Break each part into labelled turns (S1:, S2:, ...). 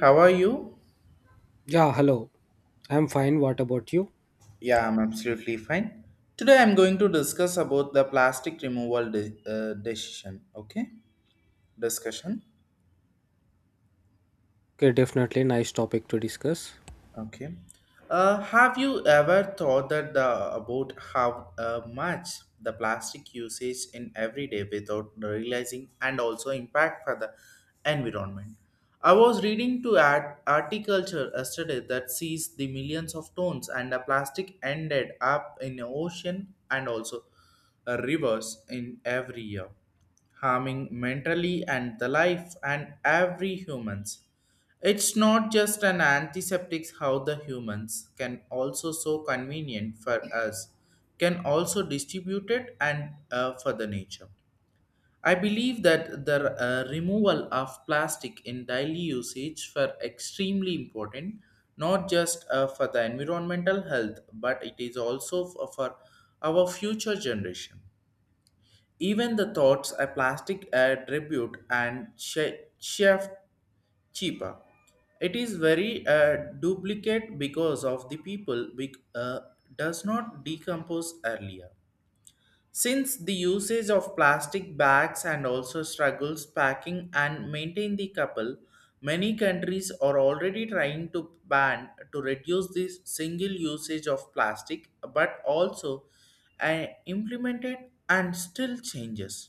S1: How are you?
S2: Yeah, hello. I'm fine. What about you?
S1: Yeah, I'm absolutely fine. Today I'm going to discuss about the plastic removal decision, okay? Discussion.
S2: Okay, definitely nice topic to discuss.
S1: Okay. Have you ever thought that about how much the plastic usage in every day without realizing and also impact for the environment? I was reading to ad articulture yesterday that sees the millions of tons and the plastic ended up in the ocean and also rivers in every year, harming mentally and the life and every humans. It's not just an antiseptic how the humans can also so convenient for us can also distribute it and for the nature. I believe that the removal of plastic in daily usage for extremely important not just for the environmental health but it is also for our future generation. Even the thoughts a plastic attribute and shift cheaper. It is very duplicate because of the people does not decompose earlier. Since the usage of plastic bags and also struggles packing and maintain the couple, many countries are already trying to ban to reduce this single usage of plastic, but also implemented and still changes.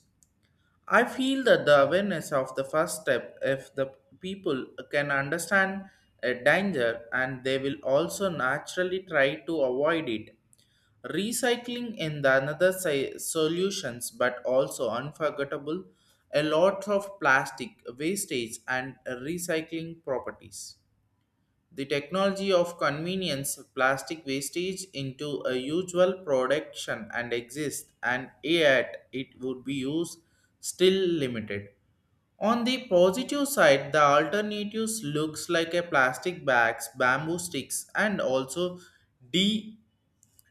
S1: I feel that the awareness of the first step, if the people can understand a danger and they will also naturally try to avoid it. Recycling in the another solutions, but also unforgettable, a lot of plastic wastage and recycling properties. The technology of convenience plastic wastage into a usual production and exist and yet it would be used still limited on the positive side, the alternatives looks like a plastic bags, bamboo sticks, and also decontamination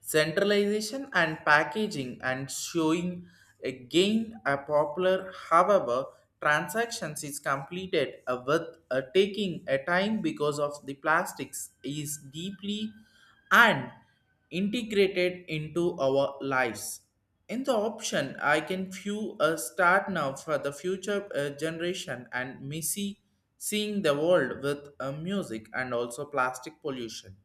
S1: centralization and packaging and showing again a popular however transactions is completed with taking a time because of the plastics is deeply and integrated into our lives in the option I can view a start now for the future generation and missy seeing the world with music and also plastic pollution.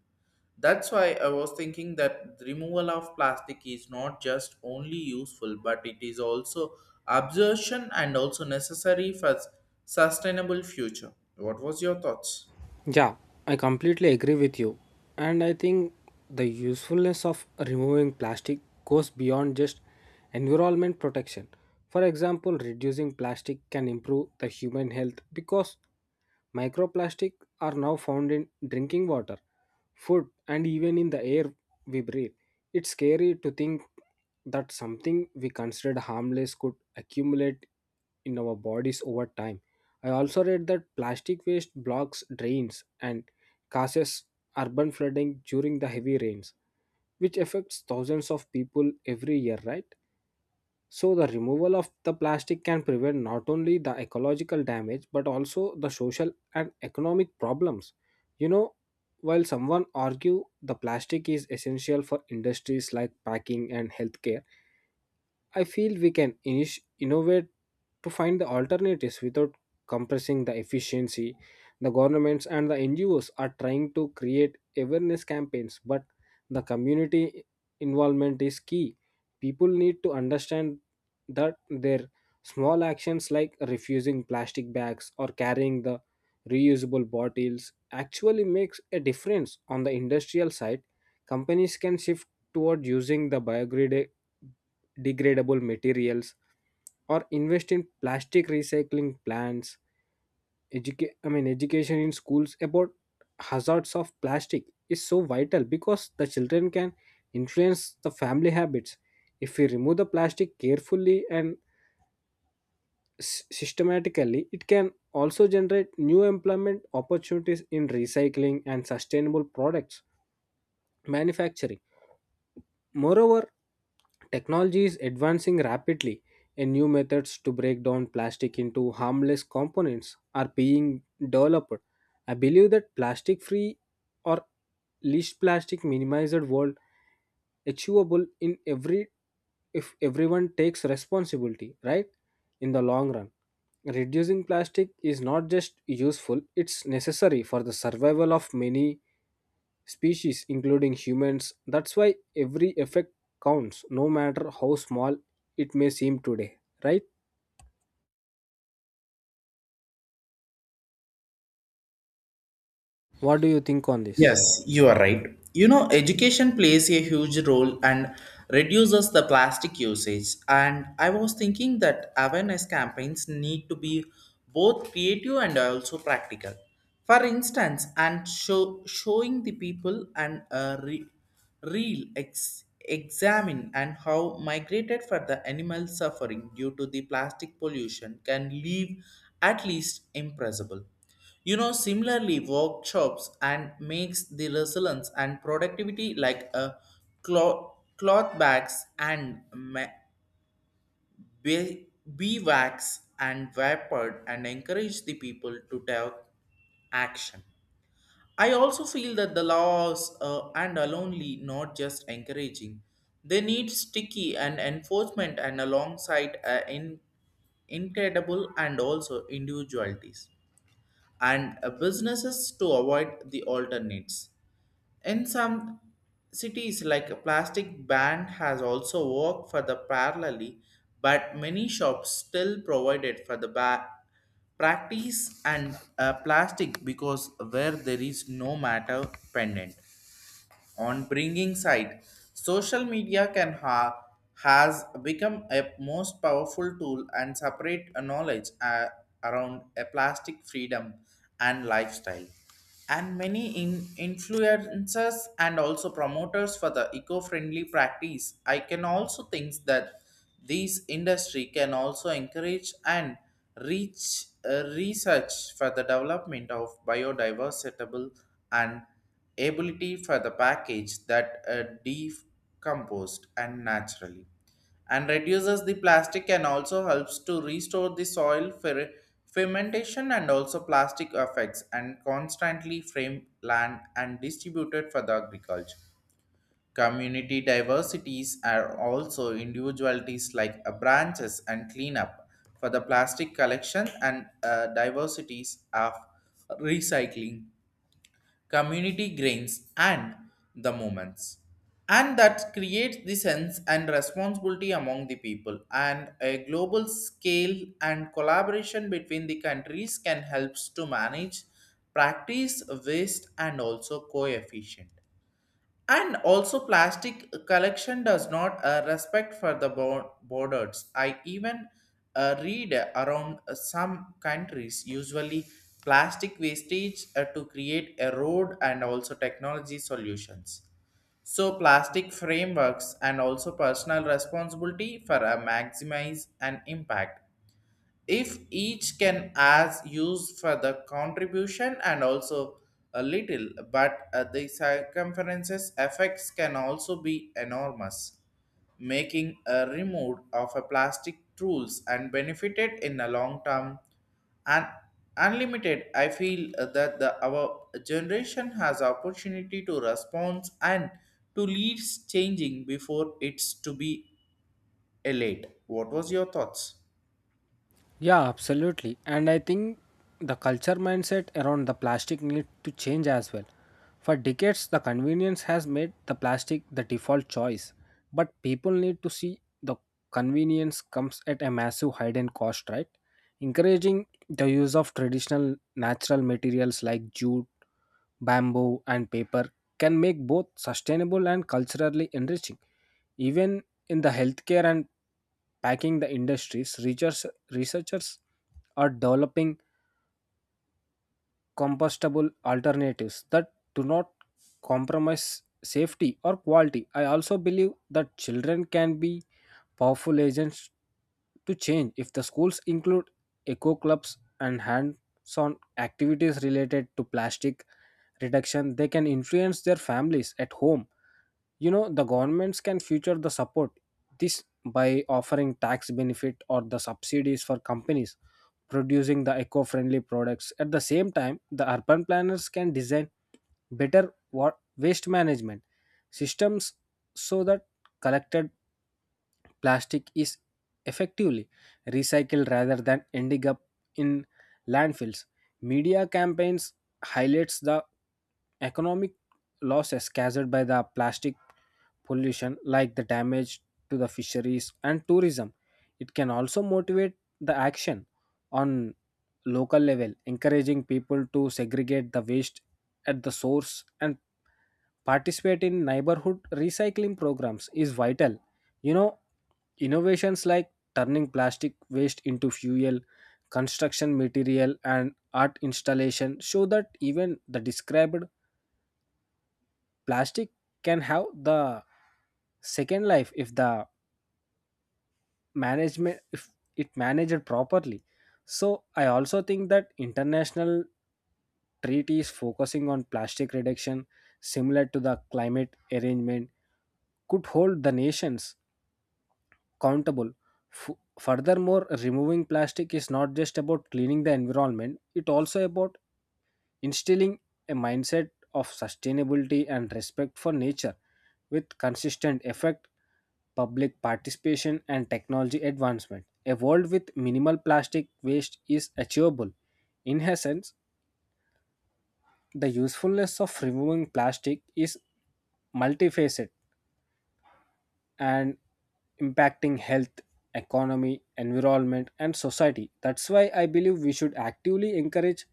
S1: That's why I was thinking that the removal of plastic is not just only useful, but it is also absorption and also necessary for sustainable future. What was your thoughts?
S2: Yeah, I completely agree with you. And I think the usefulness of removing plastic goes beyond just environment protection. For example, reducing plastic can improve the human health because microplastic are now found in drinking water, food, and even in the air we breathe. It's scary to think that something we considered harmless could accumulate in our bodies over time. I also read that plastic waste blocks drains and causes urban flooding during the heavy rains, which affects thousands of people every year, right? So, the removal of the plastic can prevent not only the ecological damage but also the social and economic problems. You know, while someone argue the plastic is essential for industries like packing and healthcare, I feel we can innovate to find the alternatives without compressing the efficiency. The governments and the NGOs are trying to create awareness campaigns, but the community involvement is key. People need to understand that their small actions like refusing plastic bags or carrying the reusable bottles actually makes a difference on the industrial side, companies can shift toward using the degradable materials or invest in plastic recycling plants. Educa- I mean education in schools about hazards of plastic is so vital because the children can influence the family habits. If we remove the plastic carefully and systematically, it can also generate new employment opportunities in recycling and sustainable products manufacturing. Moreover, technology is advancing rapidly, and new methods to break down plastic into harmless components are being developed. I believe that plastic free or least plastic minimized world achievable in every if everyone takes responsibility, right? In the long run, reducing plastic is not just useful, it's necessary for the survival of many species, including humans. That's why every effect counts, no matter how small it may seem today, right? What do you think on this?
S1: Yes, you are right. You know, education plays a huge role and reduces the plastic usage. And I was thinking that awareness campaigns need to be both creative and also practical. For instance, and show, showing the people and a re, real ex, examine and how migrated for the animal suffering due to the plastic pollution can leave at least impressible. You know, similarly, workshops and makes the resilience and productivity like a cloth bags and be- beeswax and vapor and encourage the people to take action. I also feel that the laws and are only not just encouraging. They need sticky and enforcement and alongside incredible and also individualities and businesses to avoid the alternates. In some cities, like a plastic ban has also worked for the parallelly, but many shops still provided for the practice and plastic because where there is no matter pendant on bringing side. Social media can has become a most powerful tool and separate a knowledge around a plastic freedom and lifestyle. And many influencers and also promoters for the eco-friendly practice. I can also think that these industry can also encourage and reach research for the development of biodiversity and ability for the package that decomposed and naturally and reduces the plastic and also helps to restore the soil fermentation and also plastic effects and constantly frame land and distributed for the agriculture community diversities are also individualities like branches and cleanup for the plastic collection and diversities of recycling community grains, and the moments. And that creates the sense and responsibility among the people, and a global scale and collaboration between the countries can help to manage practice waste and also coefficient and also, plastic collection does not respect for the borders. I even read around some countries usually plastic wastage to create a road and also technology solutions. So, plastic frameworks and also personal responsibility for a maximize an impact if each can as used for the contribution and also a little but the circumferences effects can also be enormous making a remove of a plastic tools and benefited in a long term and unlimited I feel that the our generation has opportunity to respond and to leads changing before it's to be a late. What was your thoughts?
S2: Yeah, absolutely. And I think the culture mindset around the plastic need to change as well. For decades, the convenience has made the plastic the default choice, but people need to see the convenience comes at a massive hidden cost, right? Encouraging the use of traditional natural materials like jute, bamboo, and paper can make both sustainable and culturally enriching. Even in the healthcare and packing the industries, researchers are developing compostable alternatives that do not compromise safety or quality. I also believe that children can be powerful agents to change if the schools include eco clubs and hands-on activities related to plastic reduction. They can influence their families at home. You know, the governments can future the support this by offering tax benefit or the subsidies for companies producing the eco-friendly products. At the same time, the urban planners can design better waste management systems so that collected plastic is effectively recycled rather than ending up in landfills. Media campaigns highlights the economic losses caused by the plastic pollution like the damage to the fisheries and tourism. It can also motivate the action on local level. Encouraging people to segregate the waste at the source and participate in neighborhood recycling programs is vital. You know, innovations like turning plastic waste into fuel, construction material, and art installation show that even the described plastic can have the second life if the management if it managed properly. So I also think that international treaties focusing on plastic reduction, similar to the climate arrangement, could hold the nations countable. Furthermore, removing plastic is not just about cleaning the environment, it also about instilling a mindset of sustainability and respect for nature with consistent effect, public participation and technology advancement. A world with minimal plastic waste is achievable. In essence, the usefulness of removing plastic is multifaceted and impacting health, economy, environment, and society. That's why I believe we should actively encourage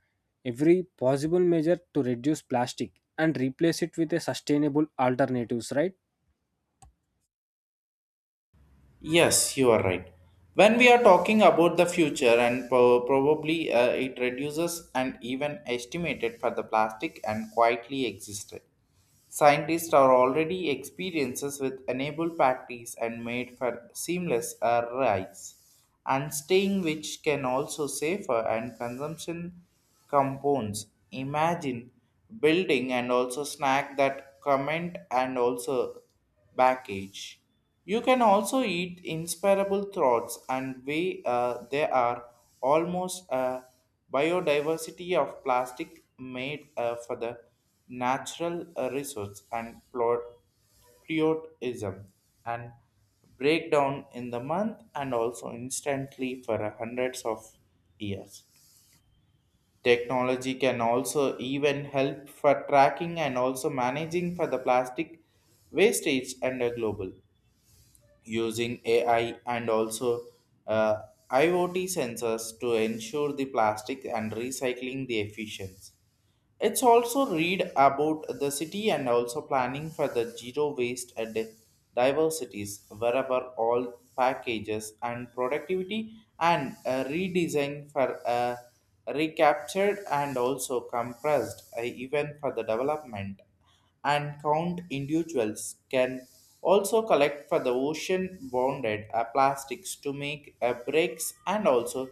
S2: every possible measure to reduce plastic and replace it with a sustainable alternatives, right?
S1: Yes, you are right. When we are talking about the future, and probably it reduces and even estimated for the plastic and quietly existed. Scientists are already experiences with enable practice and made for seamless rides and staying which can also safer and consumption compounds. Imagine building and also snack that comment and also package. You can also eat inspirable thoughts and way there are almost a biodiversity of plastic made for the natural resource and plot patriotism and breakdown in the month and also instantly for hundreds of years. Technology can also even help for tracking and also managing for the plastic wastage and a global using AI and also uh, IoT sensors to ensure the plastic and recycling the efficiency. It's also read about the city and also planning for the zero waste and diversities wherever all packages and productivity and a redesign for recaptured and also compressed even for the development and count individuals can also collect for the ocean bounded plastics to make brakes and also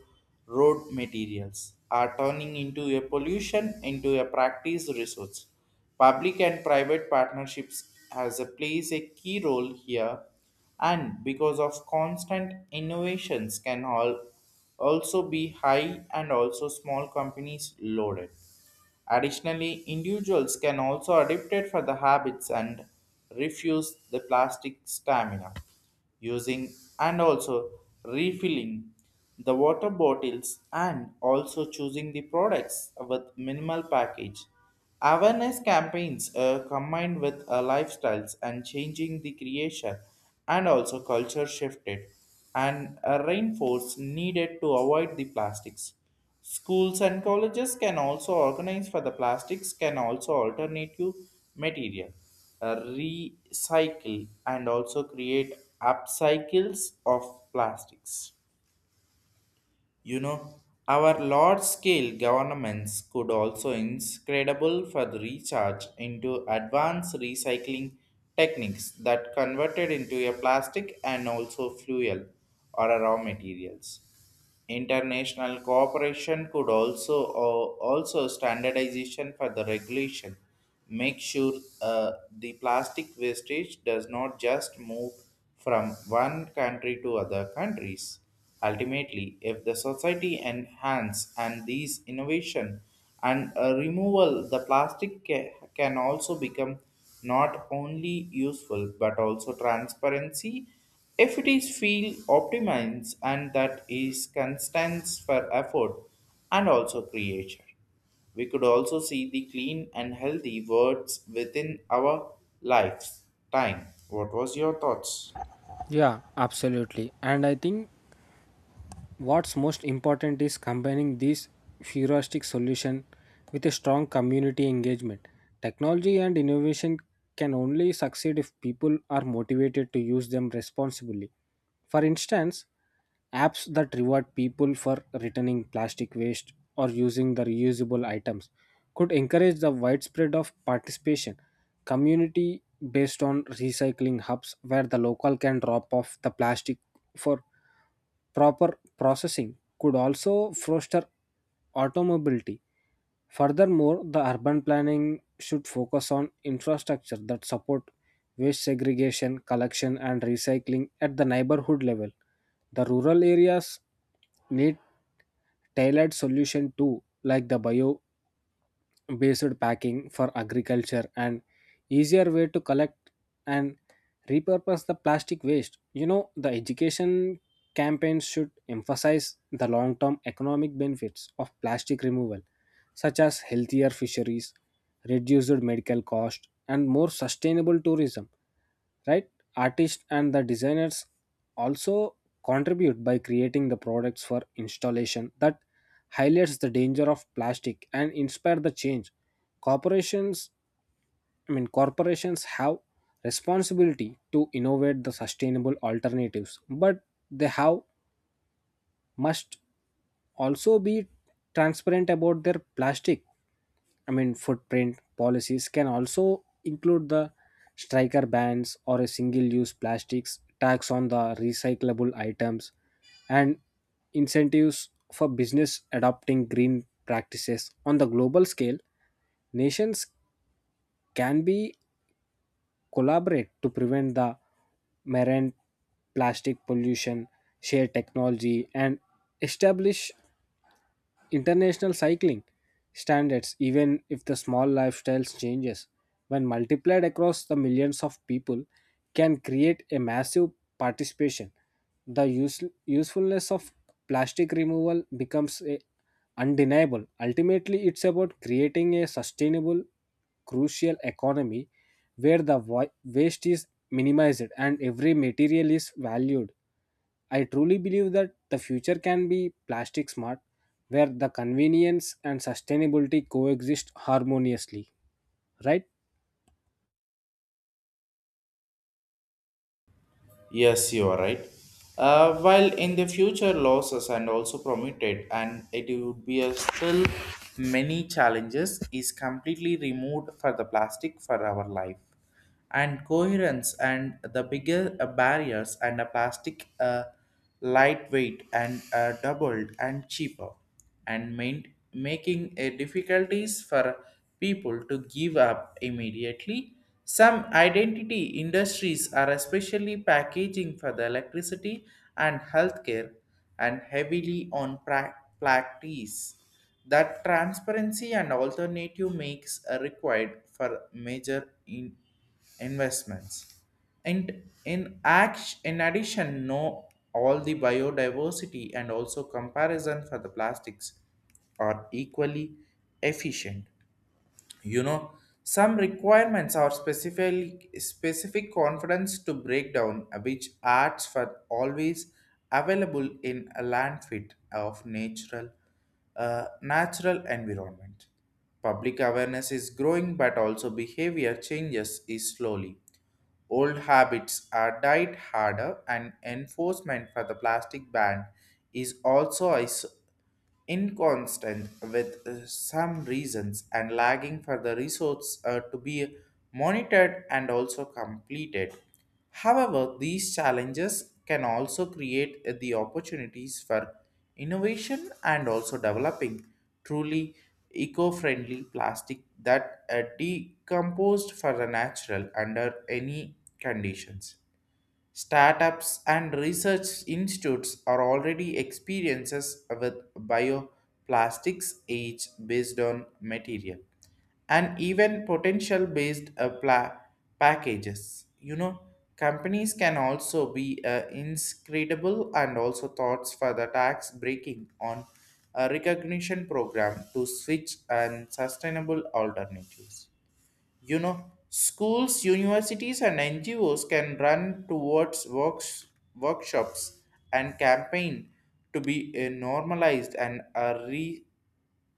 S1: road materials are turning into a pollution into a practice resource public and private partnerships has a plays a key role here and because of constant innovations can all also be high and also small companies loaded. Additionally, individuals can also adapt it for the habits and refuse the plastic stamina using and also refilling the water bottles and also choosing the products with minimal package. Awareness campaigns combined with lifestyles and changing the creation and also culture shifted and a reinforce needed to avoid the plastics. Schools and colleges can also organize for the plastics can also alternative material, recycle and also create upcycles of plastics. You know, our large scale governments could also incredible for the recharge into advanced recycling techniques that converted into a plastic and also fuel or a raw materials. International cooperation could also or also standardization for the regulation. Make sure the plastic wastage does not just move from one country to other countries. Ultimately, if the society enhance and these innovation and removal, the plastic can also become not only useful but also transparency if it is feel optimized and that is constants for effort and also creation. We could also see the clean and healthy words within our lifetime. What was your thoughts?
S2: Yeah, absolutely. And I think what's most important is combining this futuristic solution with a strong community engagement. Technology and innovation can only succeed if people are motivated to use them responsibly. For instance, apps that reward people for returning plastic waste or using the reusable items could encourage the widespread of participation. Community based on recycling hubs where the local can drop off the plastic for proper processing could also foster automobility. Furthermore, the urban planning should focus on infrastructure that support waste segregation, collection and recycling at the neighborhood level. The rural areas need tailored solution too, like the bio based packing for agriculture and easier way to collect and repurpose the plastic waste. You know, the education campaigns should emphasize the long term economic benefits of plastic removal, such as healthier fisheries, reduced medical cost and more sustainable tourism, right? Artists and the designers also contribute by creating the products for installation that highlights the danger of plastic and inspire the change. Corporations, Corporations have responsibility to innovate the sustainable alternatives, but they have must also be transparent about their footprint. Policies can also include the striker bans or a single-use plastics tax on the recyclable items and incentives for business adopting green practices. On the global scale, nations can be collaborate to prevent the marine plastic pollution, share technology and establish international cycling standards. Even if the small lifestyles changes, when multiplied across the millions of people, can create a massive participation, the usefulness of plastic removal becomes a undeniable. Ultimately, it's about creating a sustainable, crucial economy where the waste is minimized and every material is valued. I truly believe that the future can be plastic smart, where the convenience and sustainability coexist harmoniously, right?
S1: Yes, you are right. While in the future losses and also permitted, and it would be a still many challenges is completely removed for the plastic for our life, and coherence and the bigger barriers and a plastic lightweight and doubled and cheaper and main, making it difficulties for people to give up immediately. Some identity industries are especially packaging for the electricity and healthcare and heavily on practice. That transparency and alternative makes are required for major investments. And in act, in addition, know all the biodiversity and also comparison for the plastics are equally efficient. You know, some requirements are specific confidence to break down which arts were always available in a landfill of natural environment. Public awareness is growing but also behavior changes is slowly. Old habits are died harder and enforcement for the plastic ban is inconstant with some reasons and lagging for the resource to be monitored and also completed. However, these challenges can also create the opportunities for innovation and also developing truly eco-friendly plastic that decomposed for the natural under any conditions. Startups and research institutes are already experiences with bioplastics each based on material and even potential based packages. You know, companies can also be inscrutable and also thoughts for the tax breaking on a recognition program to switch and sustainable alternatives. You know, schools, universities, and NGOs can run towards works, workshops and campaign to be normalized and re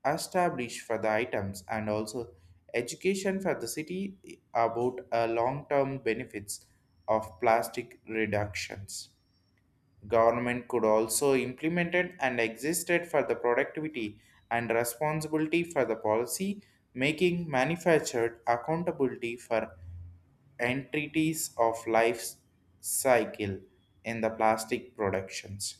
S1: established for the items and also education for the city about long-term benefits of plastic reductions. Government could also implemented and existed for the productivity and responsibility for the policy making manufactured accountability for entities of life cycle in the plastic productions.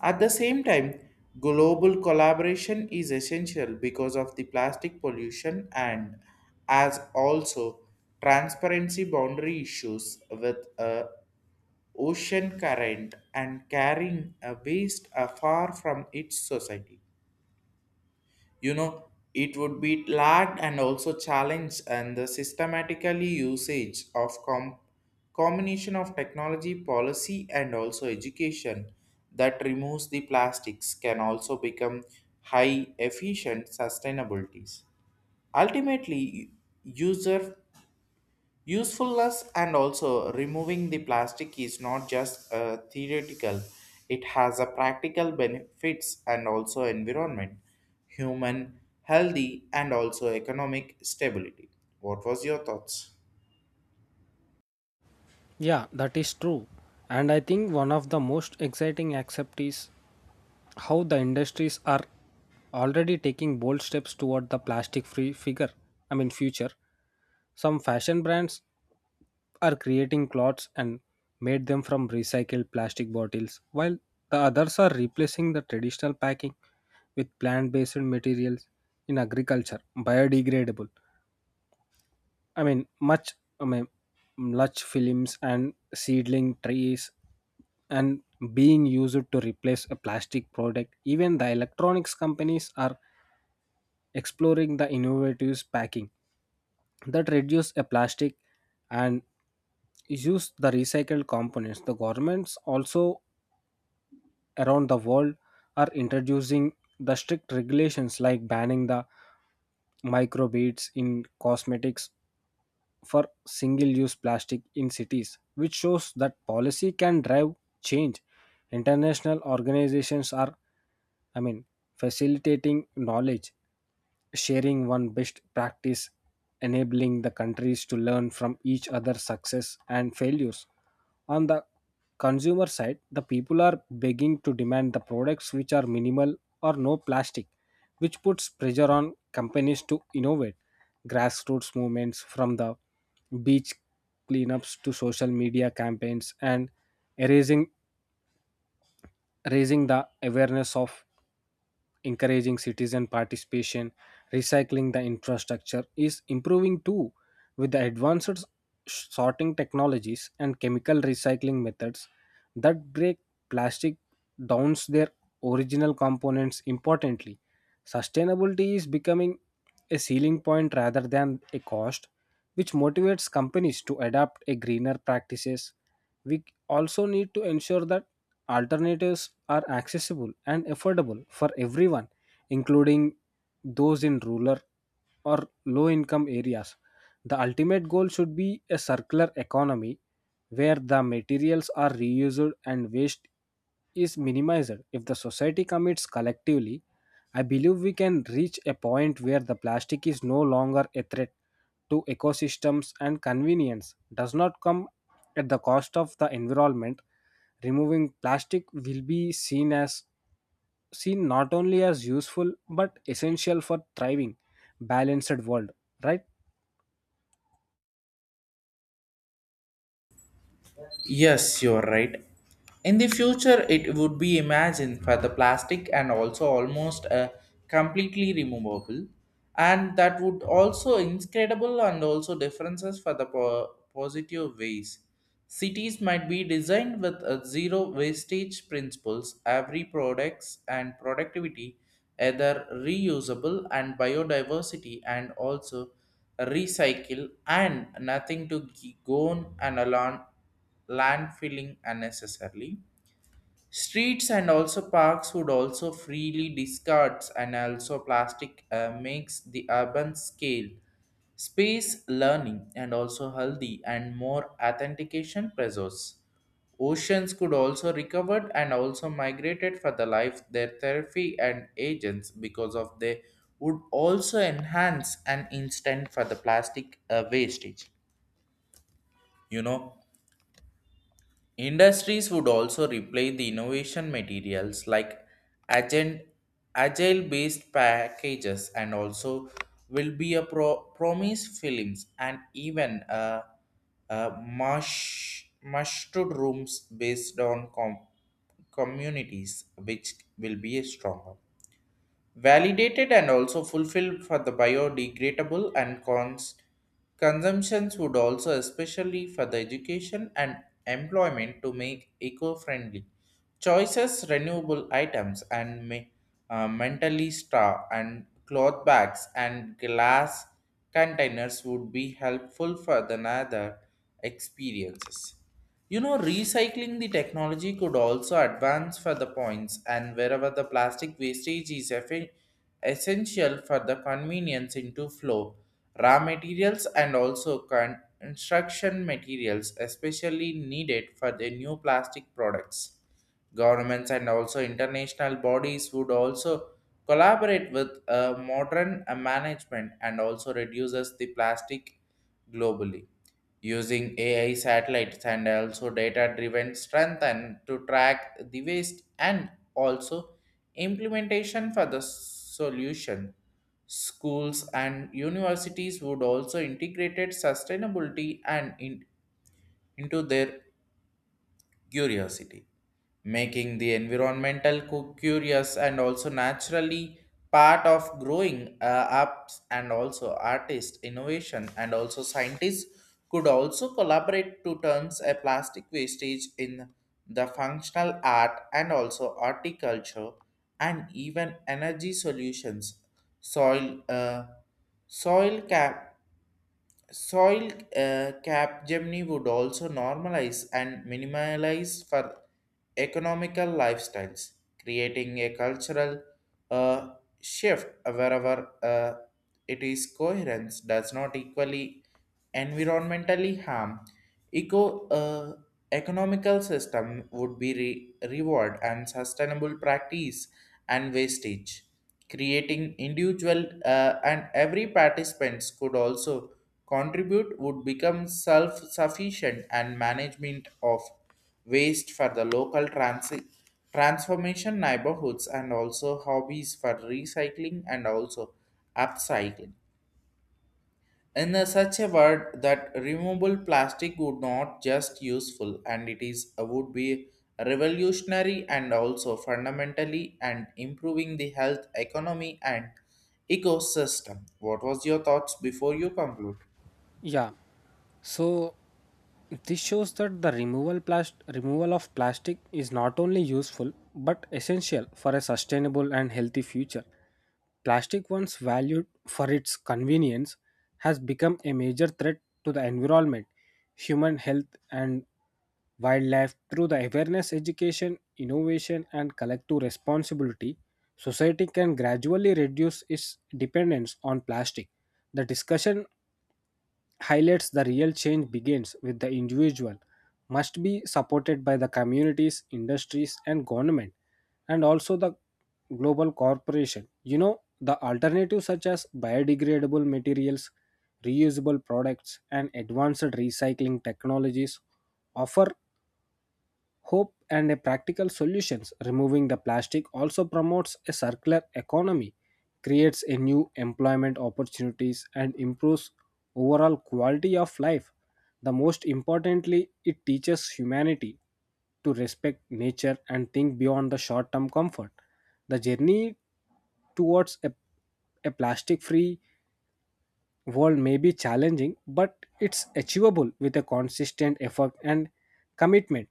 S1: At the same time, global collaboration is essential because of the plastic pollution and as also transparency boundary issues with a ocean current and carrying a waste far from its society. You know, it would be large and also challenge and the systematically usage of combination of technology, policy, and also education that removes the plastics can also become high efficient sustainabilities. Ultimately, user Usefulness and also removing the plastic is not just theoretical, it has a practical benefits and also environment, human healthy and also economic stability. What was your thoughts?
S2: Yeah, that is true. And I think one of the most exciting aspects is how the industries are already taking bold steps toward the plastic free figure, I mean, future. Some fashion brands are creating clothes and made them from recycled plastic bottles, while the others are replacing the traditional packing with plant based materials. In agriculture, biodegradable I mean, much, I mean, much films and seedling trees and being used to replace a plastic product. Even the electronics companies are exploring the innovative packing that reduce a plastic and use the recycled components. The governments also around the world are introducing the strict regulations like banning the microbeads in cosmetics for single use plastic in cities, which shows that policy can drive change. International organizations are, I mean, facilitating knowledge, sharing one best practice, enabling the countries to learn from each other's success and failures. On the consumer side, the people are begging to demand the products which are minimal or no plastic, which puts pressure on companies to innovate. Grassroots movements, from the beach cleanups to social media campaigns and raising raising the awareness of encouraging citizen participation, recycling the infrastructure is improving too, with the advanced sorting technologies and chemical recycling methods that break plastic down their original components importantly. Sustainability is becoming a ceiling point rather than a cost, which motivates companies to adopt a greener practices. We also need to ensure that alternatives are accessible and affordable for everyone, including those in rural or low income areas. The ultimate goal should be a circular economy where the materials are reused and waste is minimized. If the society commits collectively, I believe we can reach a point where the plastic is no longer a threat to ecosystems and convenience does not come at the cost of the environment. Removing plastic will be seen not only as useful but essential for thriving balanced world, right?
S1: Yes, you're right. In the future, it would be imagined for the plastic and also almost completely removable, and that would also incredible and also differences for the positive ways. Cities might be designed with a zero wastage principles. Every products and productivity, either reusable and biodiversity, and also recycle and nothing to go on and along landfilling unnecessarily. Streets and also parks would also freely discards and also plastic makes the urban scale space learning and also healthy and more authentication pressures. Oceans could also recovered and also migrated for the life their therapy and agents because of they would also enhance an instant for the plastic wastage. You know, industries would also replace the innovation materials like agent, agile based packages and also will be a promise films and even mustard rooms based on communities which will be a stronger validated and also fulfilled for the biodegradable and consumptions would also especially for the education and employment to make eco-friendly choices renewable items and mentally straw and cloth bags and glass containers would be helpful for the other experiences. You know, recycling the technology could also advance for the points, and wherever the plastic wastage is essential for the convenience into flow, raw materials and also construction materials, especially needed for the new plastic products. Governments and also international bodies would also collaborate with modern management and also reduces the plastic globally using AI satellites and also data driven strengthen to track the waste and also implementation for the solution. Schools and universities would also integrated sustainability and into their curiosity, making the environmental curious and also naturally part of growing ups and also artist innovation and also scientists could also collaborate to turns a plastic wastage in the functional art and also horticulture and even energy solutions soil uh, soil cap Soil cap Gemini would also normalize and minimalize for economical lifestyles, creating a cultural uh, shift wherever it is coherence does not equally environmentally harm. Eco uh, Economical system would be reward and sustainable practice and wastage creating individual and every participants could also contribute would become self-sufficient and management of waste for the local transformation neighborhoods and also hobbies for recycling and also upcycling in a such a word that removable plastic would not just useful and it is would be revolutionary and also fundamentally and improving the health economy and ecosystem. What was your thoughts before you conclude?
S2: Yeah. So this shows that the removal of plastic is not only useful but essential for a sustainable and healthy future. Plastic once valued for its convenience has become a major threat to the environment, human health and wildlife. Through the awareness education, innovation and collective responsibility, society can gradually reduce its dependence on plastic. The discussion highlights the real change begins with the individual, must be supported by the communities, industries, and government, and also the global corporation. You know, the alternatives such as biodegradable materials, reusable products, and advanced recycling technologies offer hope and a practical solutions. Removing the plastic also promotes a circular economy, creates a new employment opportunities and improves overall quality of life. The most importantly, it teaches humanity to respect nature and think beyond the short term comfort. The journey towards a plastic free world may be challenging but it's achievable with a consistent effort and commitment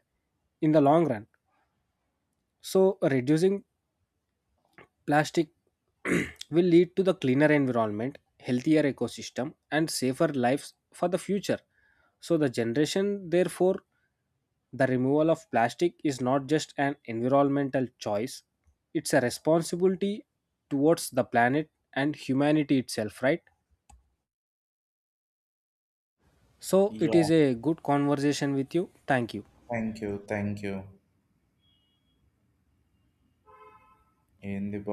S2: in the long run. So, reducing plastic will lead to the cleaner environment, healthier ecosystem, and safer lives for the future. So, the generation, therefore, the removal of plastic is not just an environmental choice, it's a responsibility towards the planet and humanity itself, right? So, it
S1: Yeah,
S2: is a good conversation with you. Thank you.
S1: thank you, thank you. In the